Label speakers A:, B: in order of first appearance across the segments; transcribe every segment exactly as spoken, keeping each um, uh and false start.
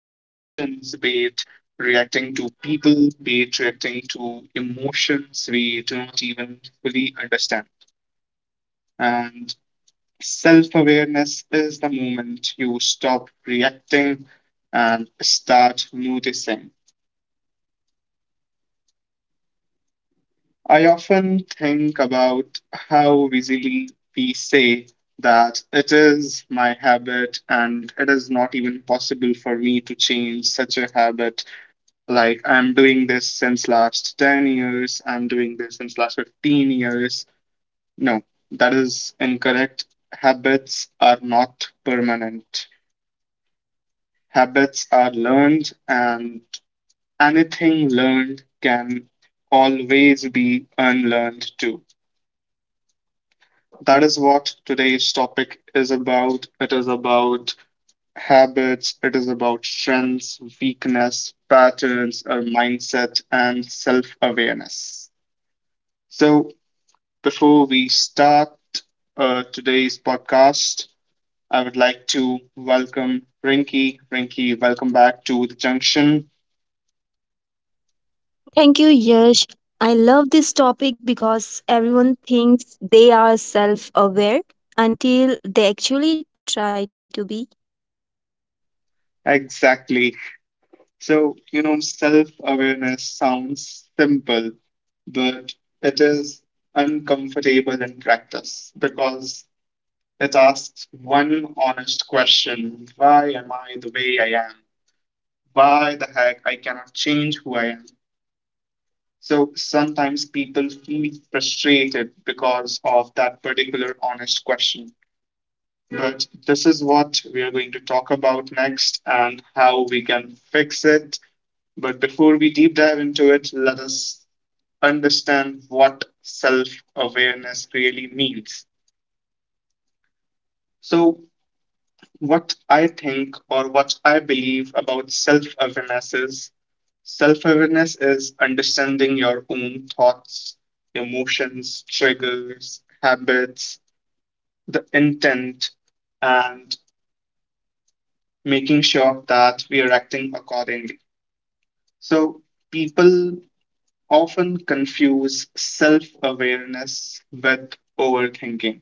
A: be it reacting to people, be it reacting to emotions we do not even fully understand. And self awareness is the moment you stop reacting and start noticing. I often think about how easily we say that it is my habit and it is not even possible for me to change such a habit, like I'm doing this since last ten years, I'm doing this since last fifteen years. No, that is incorrect. Habits are not permanent, habits are learned, and anything learned can always be unlearned too. That is what today's topic is about. It is about habits, it is about strengths, weakness, patterns, our mindset and self-awareness. So before we start uh, today's podcast, I would like to welcome Rinky. Rinky, welcome back to the junction.
B: Thank you, Yash. I love this topic because everyone thinks they are self aware until they actually try to be.
A: Exactly. So, you know, self awareness sounds simple, but it is uncomfortable in practice because it asks one honest question. Why am I the way I am? Why the heck I cannot change who I am? So sometimes people feel frustrated because of that particular honest question. But this is what we are going to talk about next and how we can fix it. But before we deep dive into it, let us understand what self awareness really means. So, what I think or what I believe about self awareness is, self awareness is understanding your own thoughts, emotions, triggers, habits, the intent, and making sure that we are acting accordingly. So, people often confuse self awareness with overthinking.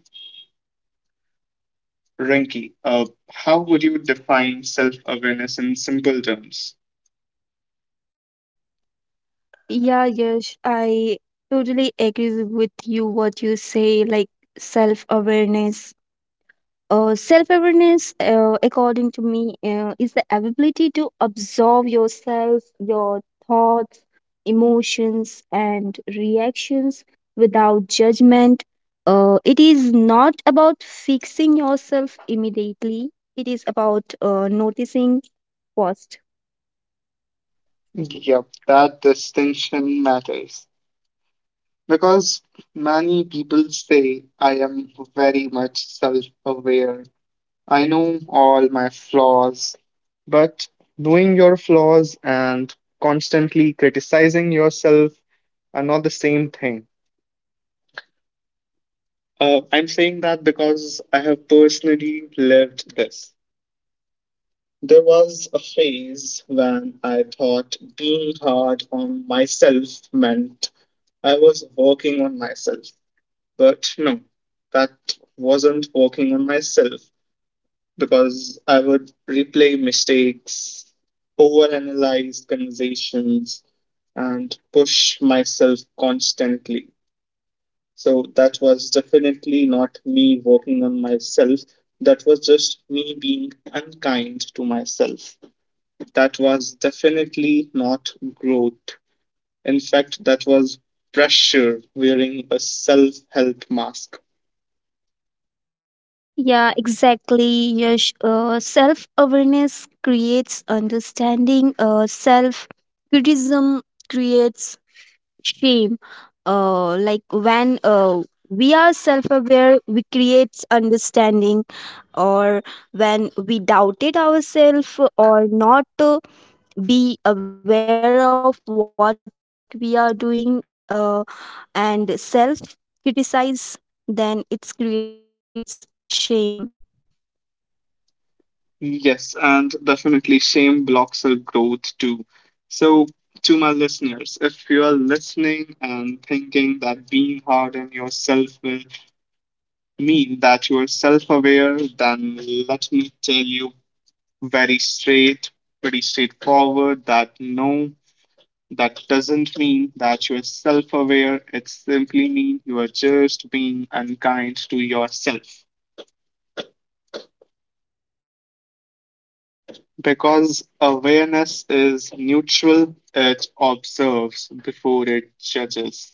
A: Rinki, uh, how would you define self awareness in simple terms?
B: Yeah, Yash, I totally agree with you what you say, like self awareness. Uh, self awareness, uh, according to me, uh, is the ability to observe yourself, your thoughts, emotions, and reactions without judgment. Uh, it is not about fixing yourself immediately, it is about uh, noticing first.
A: Yep, that distinction matters. Because many people say I am very much self aware. I know all my flaws, but knowing your flaws and constantly criticizing yourself are not the same thing. Uh, I'm saying that because I have personally lived this. There was a phase when I thought being hard on myself meant I was working on myself. But no, that wasn't working on myself, because I would replay mistakes, overanalyze conversations, and push myself constantly. So that was definitely not me working on myself. That was just me being unkind to myself. That was definitely not growth. In fact, that was pressure wearing a self help mask.
B: Yeah, exactly. Yash. Uh, self awareness creates understanding, uh, self criticism creates shame, uh, like when uh, we are self-aware we creates understanding, or when we doubted ourselves or not to be aware of what we are doing, uh, and self criticize, then it creates shame.
A: Yes, and definitely shame blocks our growth too. So, to my listeners, if you are listening and thinking that being hard on yourself will mean that you are self aware, then let me tell you very straight, pretty straightforward that no, that doesn't mean that you are self aware. It simply means you are just being unkind to yourself. Because awareness is neutral, it observes before it judges.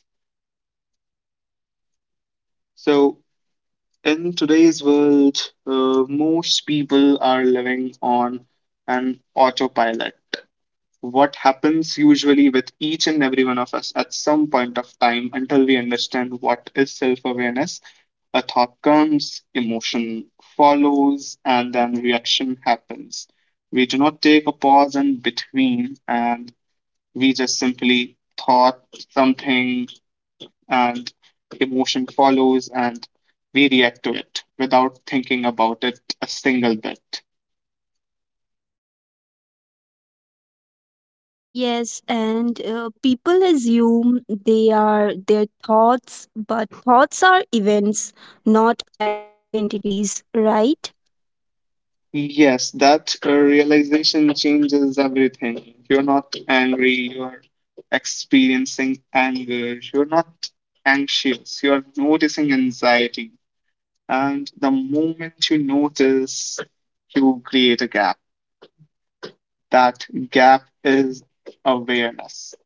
A: So, in today's world, uh, most people are living on an autopilot. What happens usually with each and every one of us at some point of time, until we understand what is self awareness, a thought comes, emotion follows, and then reaction happens. We do not take a pause in between, and we just simply thought something and emotion follows and we react to it without thinking about it a single bit.
B: Yes, and uh, people assume they are their thoughts, but thoughts are events, not identities, right?
A: Yes, that uh, realization changes everything. You're not angry, you're experiencing anger, you're not anxious, you're noticing anxiety. And the moment you notice, you create a gap. That gap is awareness.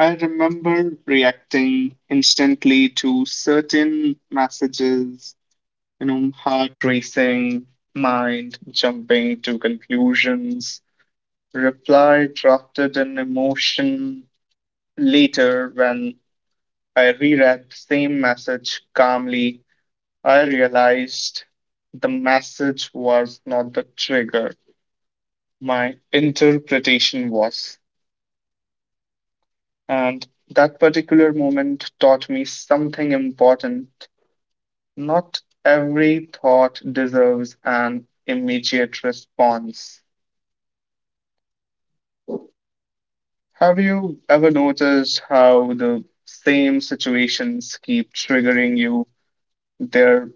A: I remember reacting instantly to certain messages, you know, heart racing, mind jumping to conclusions, reply drafted in emotion. Later, when I reread the same message calmly, I realized the message was not the trigger, my interpretation was. And that particular moment taught me something important. Not every thought deserves an immediate response. Have you ever noticed how the same situations keep triggering you? There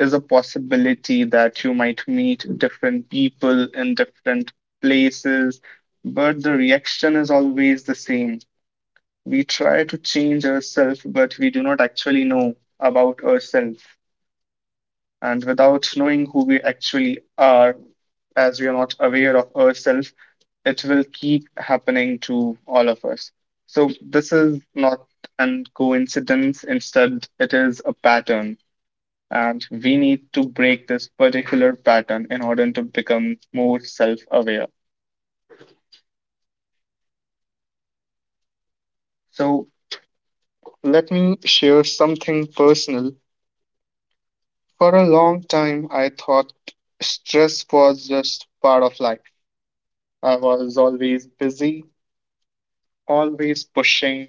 A: is a possibility that you might meet different people in different places, but the reaction is always the same. We try to change ourselves, but we do not actually know about ourselves. And without knowing who we actually are, as we are not aware of ourselves, it will keep happening to all of us. So, this is not an coincidence, instead, it is a pattern. And we need to break this particular pattern in order to become more self aware. So, let me share something personal. For a long time, I thought stress was just part of life. I was always busy, always pushing,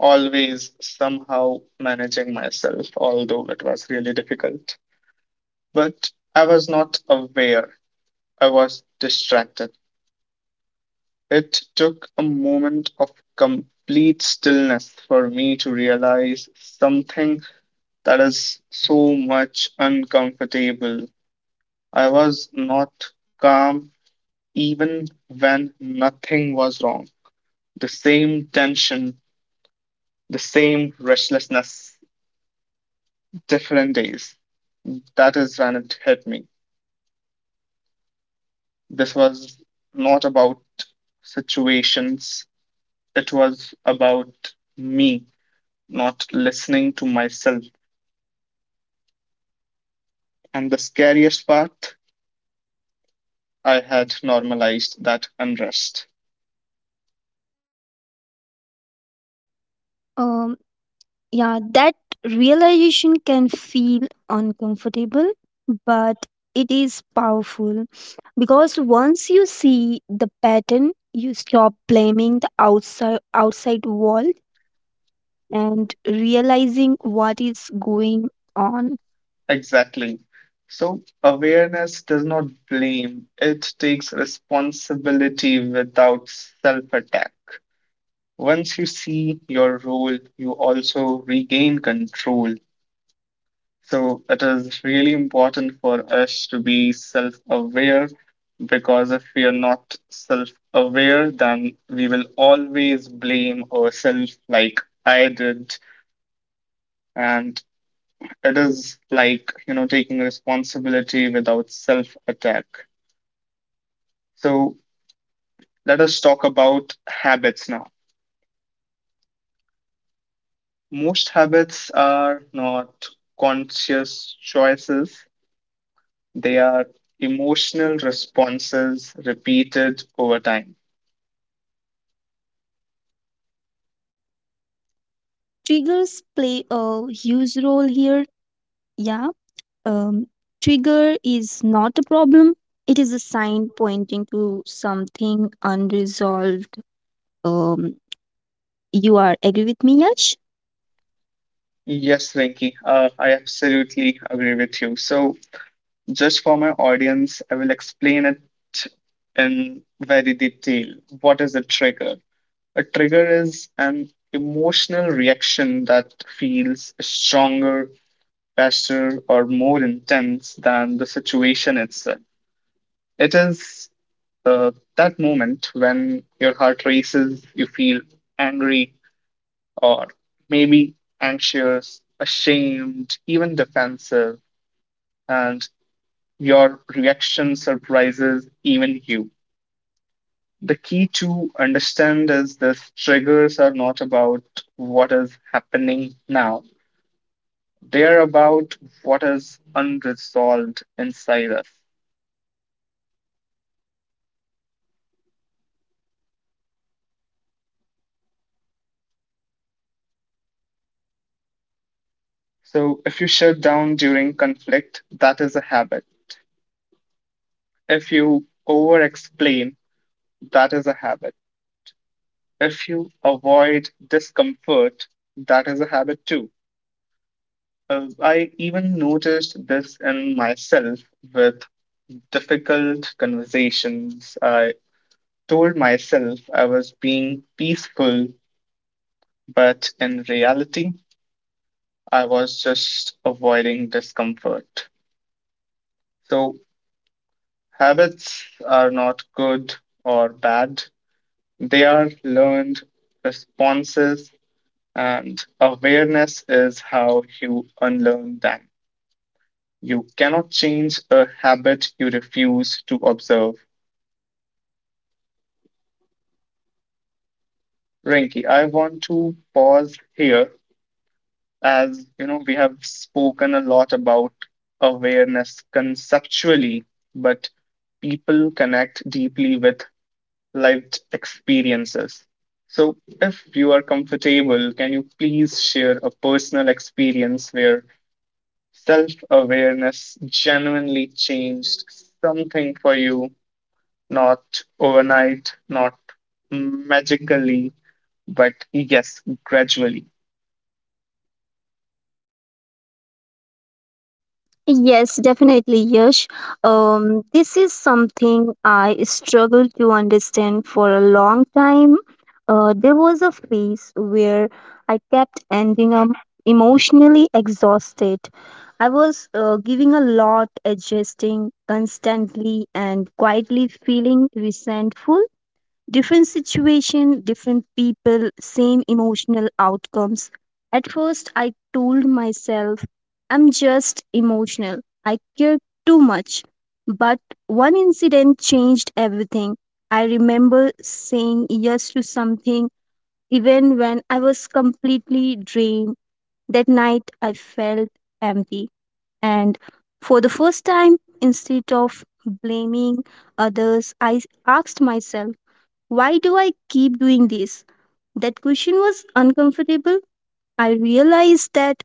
A: always somehow managing myself, although it was really difficult. But I was not aware, I was distracted. It took a moment of complete stillness for me to realize something that is so much uncomfortable. I was not calm even when nothing was wrong. The same tension, the same restlessness, different days. That is when it hit me. This was not about situations, it was about me not listening to myself. And the scariest part, I had normalized that unrest.
B: um Yeah, that realization can feel uncomfortable, but it is powerful because once you see the pattern, you stop blaming the outside outside world and realizing what is going on.
A: Exactly. So, awareness does not blame, it takes responsibility without self attack. Once you see your role, you also regain control. So it is really important for us to be self aware, because if we are not self aware, then we will always blame ourselves, like I did. And it is like, you know, taking responsibility without self attack. So let us talk about habits now. Most habits are not conscious choices, they are emotional responses repeated over time.
B: Triggers play a huge role here. Yeah, um, trigger is not a problem. It is a sign pointing to something unresolved. Um, You are agree with me, Yash?
A: Yes, Venki, uh, I absolutely agree with you. So, just for my audience, I will explain it in very detail. What is a trigger? A trigger is an emotional reaction that feels stronger, faster, or more intense than the situation itself. It is uh, that moment when your heart races, you feel angry, or maybe anxious, ashamed, even defensive, and your reaction surprises even you. The key to understand is this. Triggers are not about what is happening now. They are about what is unresolved inside us. So if you shut down during conflict, that is a habit. If you over explain, that is a habit. If you avoid discomfort, that is a habit too. Uh, I even noticed this in myself with difficult conversations. I told myself I was being peaceful, but in reality, I was just avoiding discomfort. So, habits are not good or bad, they are learned responses, and awareness is how you unlearn them. You cannot change a habit you refuse to observe. Rinki, I want to pause here. As you know, we have spoken a lot about awareness conceptually, but people connect deeply with lived experiences. So if you are comfortable, can you please share a personal experience where self-awareness genuinely changed something for you? Not overnight, not magically, but yes, gradually.
B: Yes, definitely, Yash. Um, this is something I struggled to understand for a long time. Uh, there was a phase where I kept ending up emotionally exhausted. I was uh, giving a lot, adjusting constantly, and quietly feeling resentful. Different situation, different people, same emotional outcomes. At first, I told myself, I'm just emotional. I care too much. But one incident changed everything. I remember saying yes to something even when I was completely drained. That night, I felt empty. And for the first time, instead of blaming others, I asked myself, why do I keep doing this? That question was uncomfortable. I realized that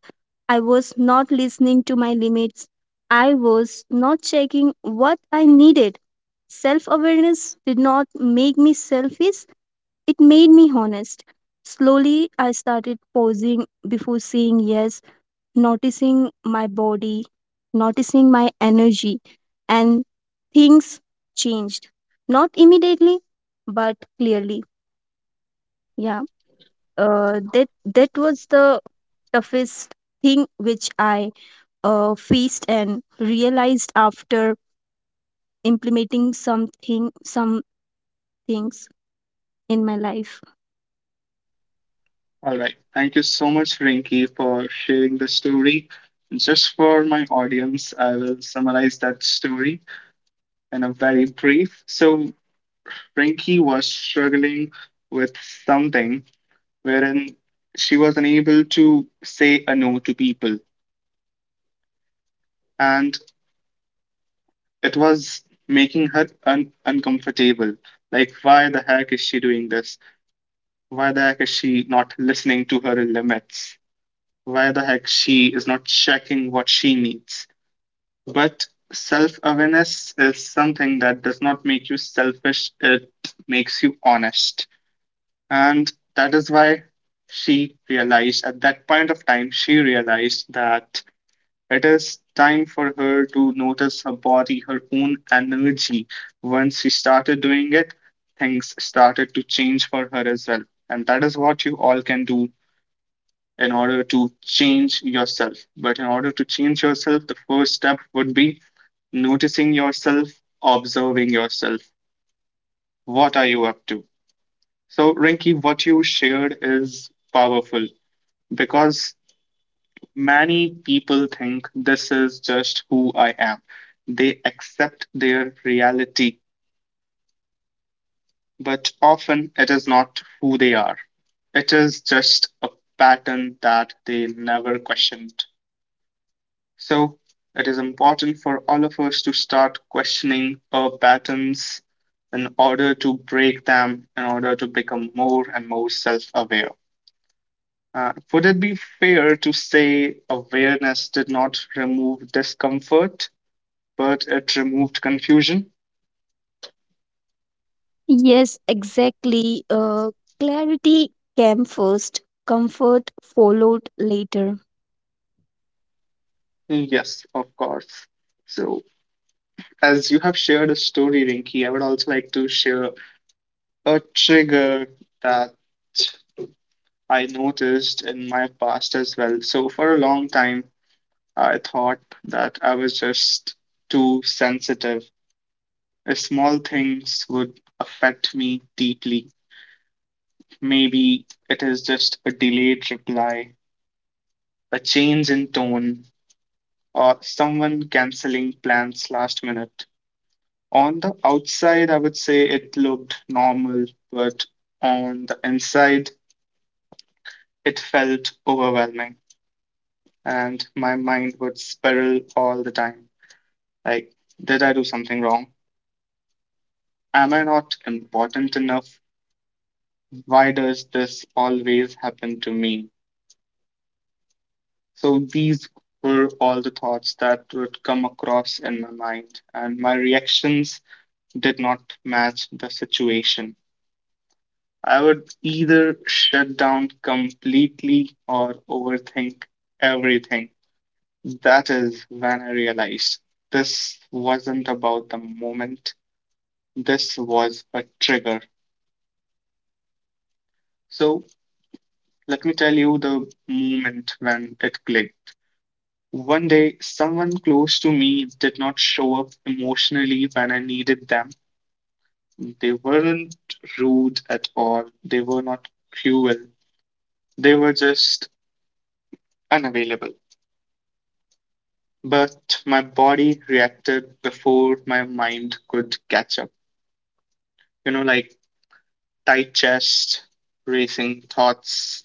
B: I was not listening to my limits. I was not checking what I needed. Self awareness did not make me selfish, it made me honest. Slowly, I started pausing before saying yes, noticing my body, noticing my energy, and things changed. Not immediately, but clearly. Yeah, uh, that that was the toughest thing which I uh, faced and realized after implementing something some things in my life.
A: All right. Thank you so much, Rinky, for sharing the story. Just for my audience, I will summarize that story in a very brief. So, Rinky was struggling with something wherein she was unable to say a no to people, and it was making her un- uncomfortable. Like, why the heck is she doing this? Why the heck is she not listening to her limits? Why the heck she is not checking what she needs? But self awareness is something that does not make you selfish, it makes you honest. And that is why she realized at that point of time, she realized that it is time for her to notice her body, her own energy. Once she started doing it, things started to change for her as well. And that is what you all can do in order to change yourself. But in order to change yourself, the first step would be noticing yourself, observing yourself. What are you up to? So, Rinki, what you shared is powerful because many people think this is just who I am. They accept their reality, but often it is not who they are. It is just a pattern that they never questioned. So it is important for all of us to start questioning our patterns in order to break them, in order to become more and more self aware. Uh, would it be fair to say awareness did not remove discomfort, but it removed confusion?
B: Yes, exactly. Uh, clarity came first, comfort followed later.
A: Yes, of course. So, as you have shared a story, Rinki, I would also like to share a trigger that I noticed in my past as well. So, for a long time, I thought that I was just too sensitive. If small things would affect me deeply, maybe it is just a delayed reply, a change in tone, or someone canceling plans last minute. On the outside, I would say it looked normal, but on the inside, it felt overwhelming, and my mind would spiral all the time. Like, did I do something wrong? Am I not important enough? Why does this always happen to me? So these were all the thoughts that would come across in my mind, and my reactions did not match the situation. I would either shut down completely or overthink everything. That is when I realized this wasn't about the moment, this was a trigger. So let me tell you the moment when it clicked. One day, someone close to me did not show up emotionally when I needed them. They weren't rude at all, they were not cruel, they were just unavailable. But my body reacted before my mind could catch up. You know, like tight chest, racing thoughts,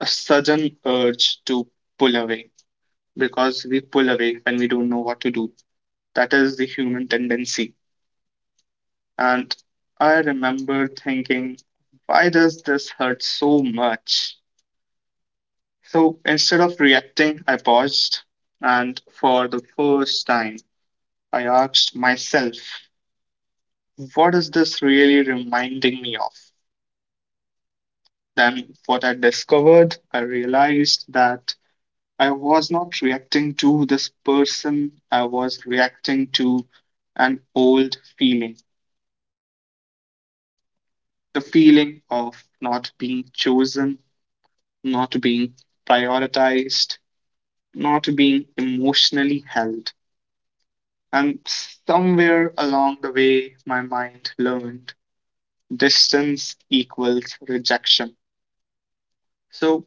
A: a sudden urge to pull away because we pull away when we don't know what to do. That is the human tendency. And I remember thinking, why does this hurt so much? So instead of reacting, I paused. And for the first time, I asked myself, what is this really reminding me of? Then, what I discovered, I realized that I was not reacting to this person, I was reacting to an old feeling, the feeling of not being chosen, not being prioritized, not being emotionally held. And somewhere along the way, my mind learned distance equals rejection. So,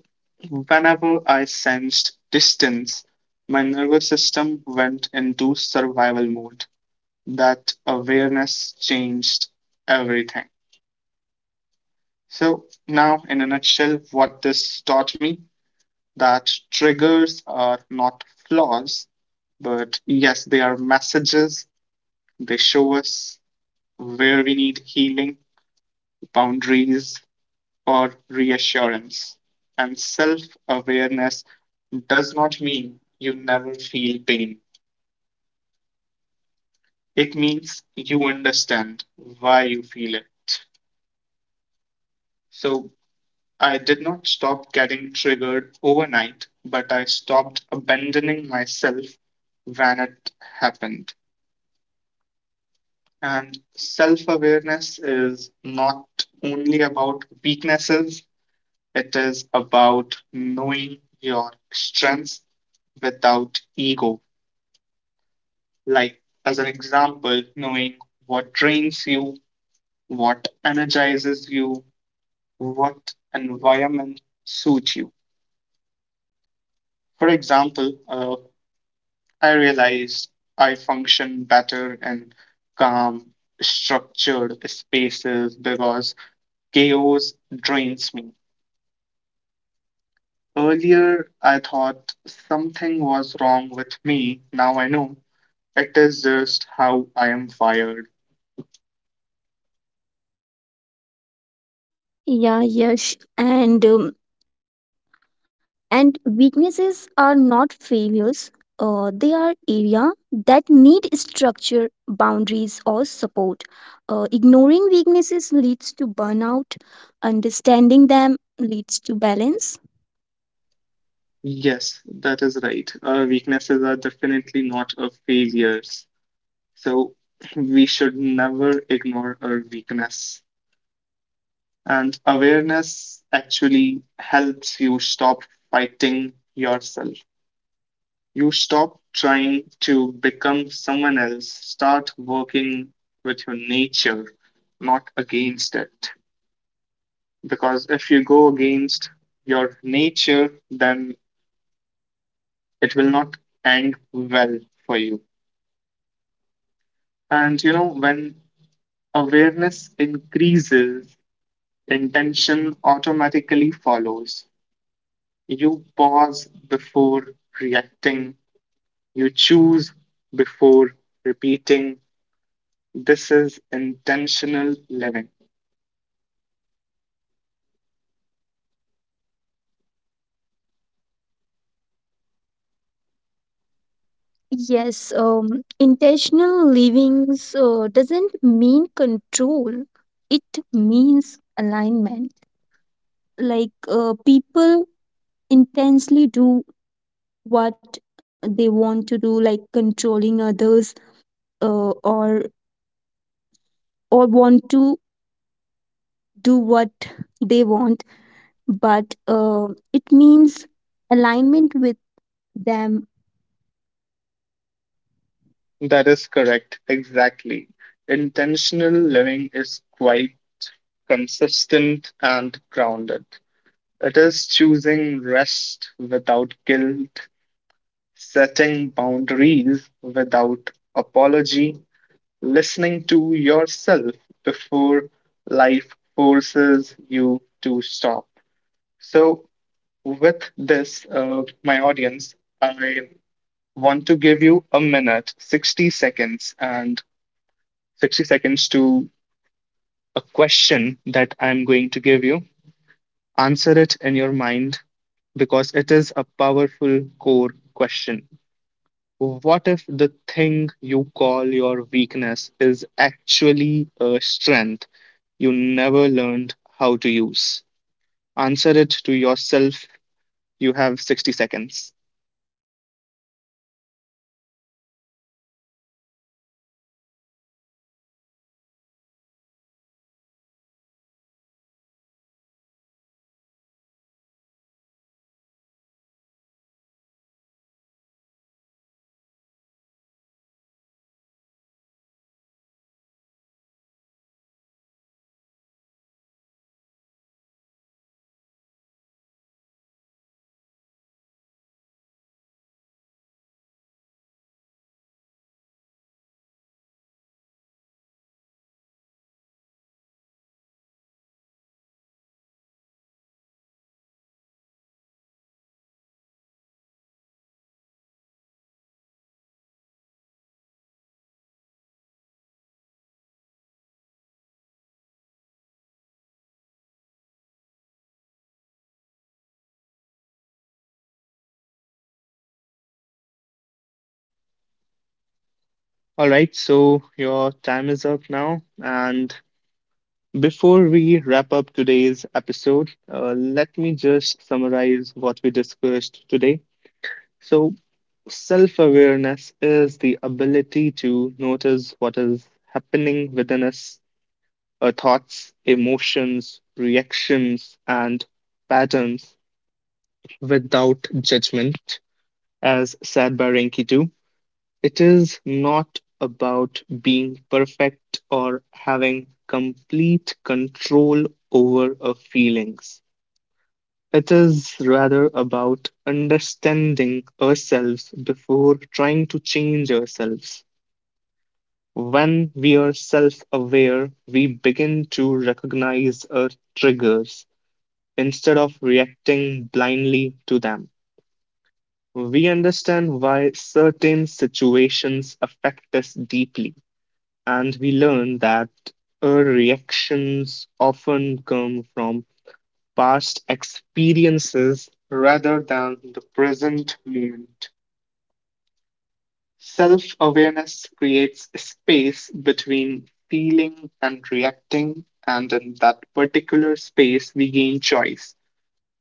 A: whenever I sensed distance, my nervous system went into survival mode. That awareness changed everything. So, now in a nutshell, what this taught me that triggers are not flaws, but yes, they are messages. They show us where we need healing, boundaries, or reassurance. And self awareness does not mean you never feel pain, it means you understand why you feel it. So I did not stop getting triggered overnight, but I stopped abandoning myself when it happened. And self awareness is not only about weaknesses, it is about knowing your strengths without ego. Like, as an example, knowing what drains you, what energizes you, what environment suits you. For example, uh, I realize I function better in calm, structured spaces because chaos drains me. Earlier, I thought something was wrong with me. Now I know. It is just how I am wired.
B: Yeah, yes, and um, And weaknesses are not failures, uh, they are area that need structure, boundaries, or support. Uh, ignoring weaknesses leads to burnout, understanding them leads to balance.
A: Yes, that is right. Our weaknesses are definitely not our failures. So we should never ignore our weakness. And awareness actually helps you stop fighting yourself. You stop trying to become someone else, start working with your nature, not against it, because if you go against your nature, then it will not end well for you. And you know, when awareness increases, intention automatically follows. You pause before reacting, you choose before repeating. This is intentional living.
B: Yes, um, intentional livings uh, doesn't mean control, it means alignment. Like uh, people intensely do what they want to do, like controlling others, uh, or or want to do what they want, but uh, it means alignment with them.
A: That is correct, exactly. Intentional living is quite consistent and grounded. It is choosing rest without guilt, setting boundaries without apology, listening to yourself before life forces you to stop. So, with this, uh, my audience, I want to give you a minute, sixty seconds, and sixty seconds to a question that I'm going to give you. Answer it in your mind because it is a powerful core question. What if the thing you call your weakness is actually a strength you never learned how to use? Answer it to yourself. You have sixty seconds. All right, so your time is up now. And before we wrap up today's episode, uh, let me just summarize what we discussed today. So, self awareness is the ability to notice what is happening within us, our thoughts, emotions, reactions, and patterns without judgment. As said by Renki too, it is not about being perfect or having complete control over our feelings. It is rather about understanding ourselves before trying to change ourselves. When we are self aware, we begin to recognize our triggers instead of reacting blindly to them. We understand why certain situations affect us deeply, and we learn that our reactions often come from past experiences rather than the present moment. Self awareness creates space between feeling and reacting. And in that particular space, we gain choice.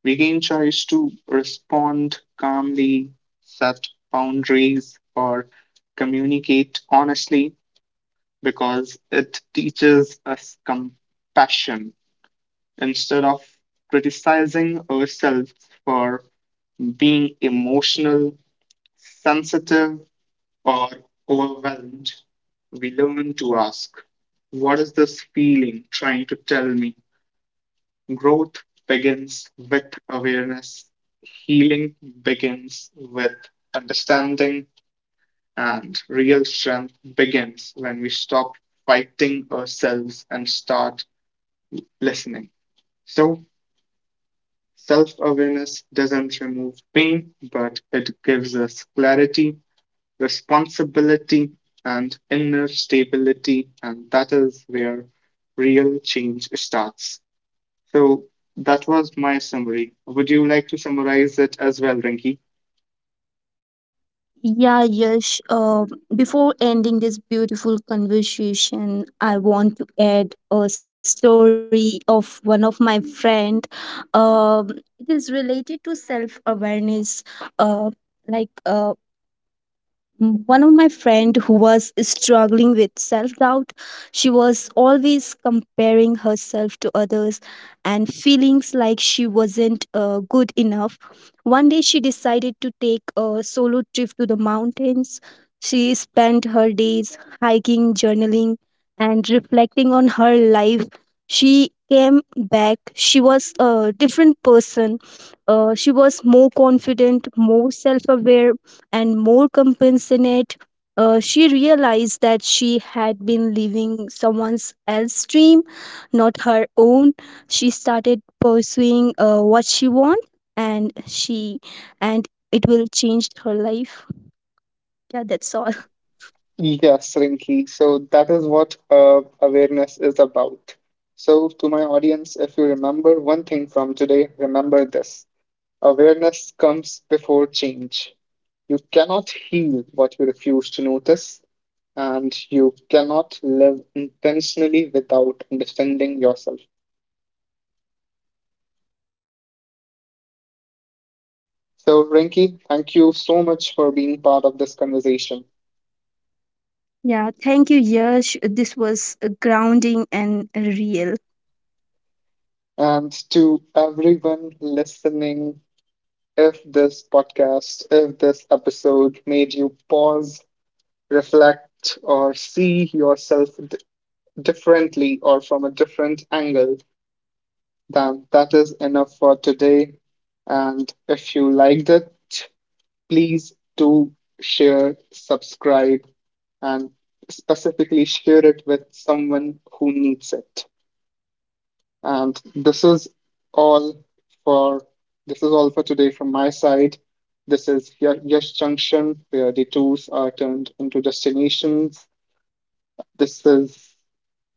A: We gain choice to respond calmly, set boundaries, or communicate honestly, because it teaches us compassion. Instead of criticizing ourselves for being emotional, sensitive, or overwhelmed, we learn to ask, what is this feeling trying to tell me? Growth begins with awareness, healing begins with understanding, and real strength begins when we stop fighting ourselves and start listening. So, self awareness doesn't remove pain, but it gives us clarity, responsibility, and inner stability. And that is where real change starts. So that was my summary. Would you like to summarize it as well, Rinki?
B: Yeah, Yash, uh, before ending this beautiful conversation, I want to add a story of one of my friend. um, it is related to self awareness. uh, like uh, Mm, one of my friend who was struggling with self-doubt, she was always comparing herself to others and feelings like she wasn't uh, good enough. One day she decided to take a solo trip to the mountains. She spent her days hiking, journaling, and reflecting on her life. She came back, she was a different person. Uh, she was more confident, more self-aware, and more compassionate. Uh, she realized that she had been living someone else's dream, not her own. She started pursuing uh, what she want, and she and it will change her life. Yeah, that's all.
A: Yes, Rinki. So that is what uh, awareness is about. So, to my audience, if you remember one thing from today, remember this: awareness comes before change. You cannot heal what you refuse to notice, and you cannot live intentionally without understanding yourself. So, Rinky, thank you so much for being part of this conversation.
B: Yeah, thank you, Yash. This was uh, grounding and real.
A: And to everyone listening, if this podcast, if this episode made you pause, reflect, or see yourself d- differently or from a different angle, then that is enough for today. And if you liked it, please do share, subscribe, and specifically share it with someone who needs it. And this is all for this is all for today from my side. This is Y- Yash Junction, where the tours are turned into destinations. This is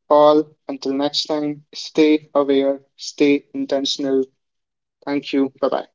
A: all. Until next time, stay aware, stay intentional. Thank you. Bye bye.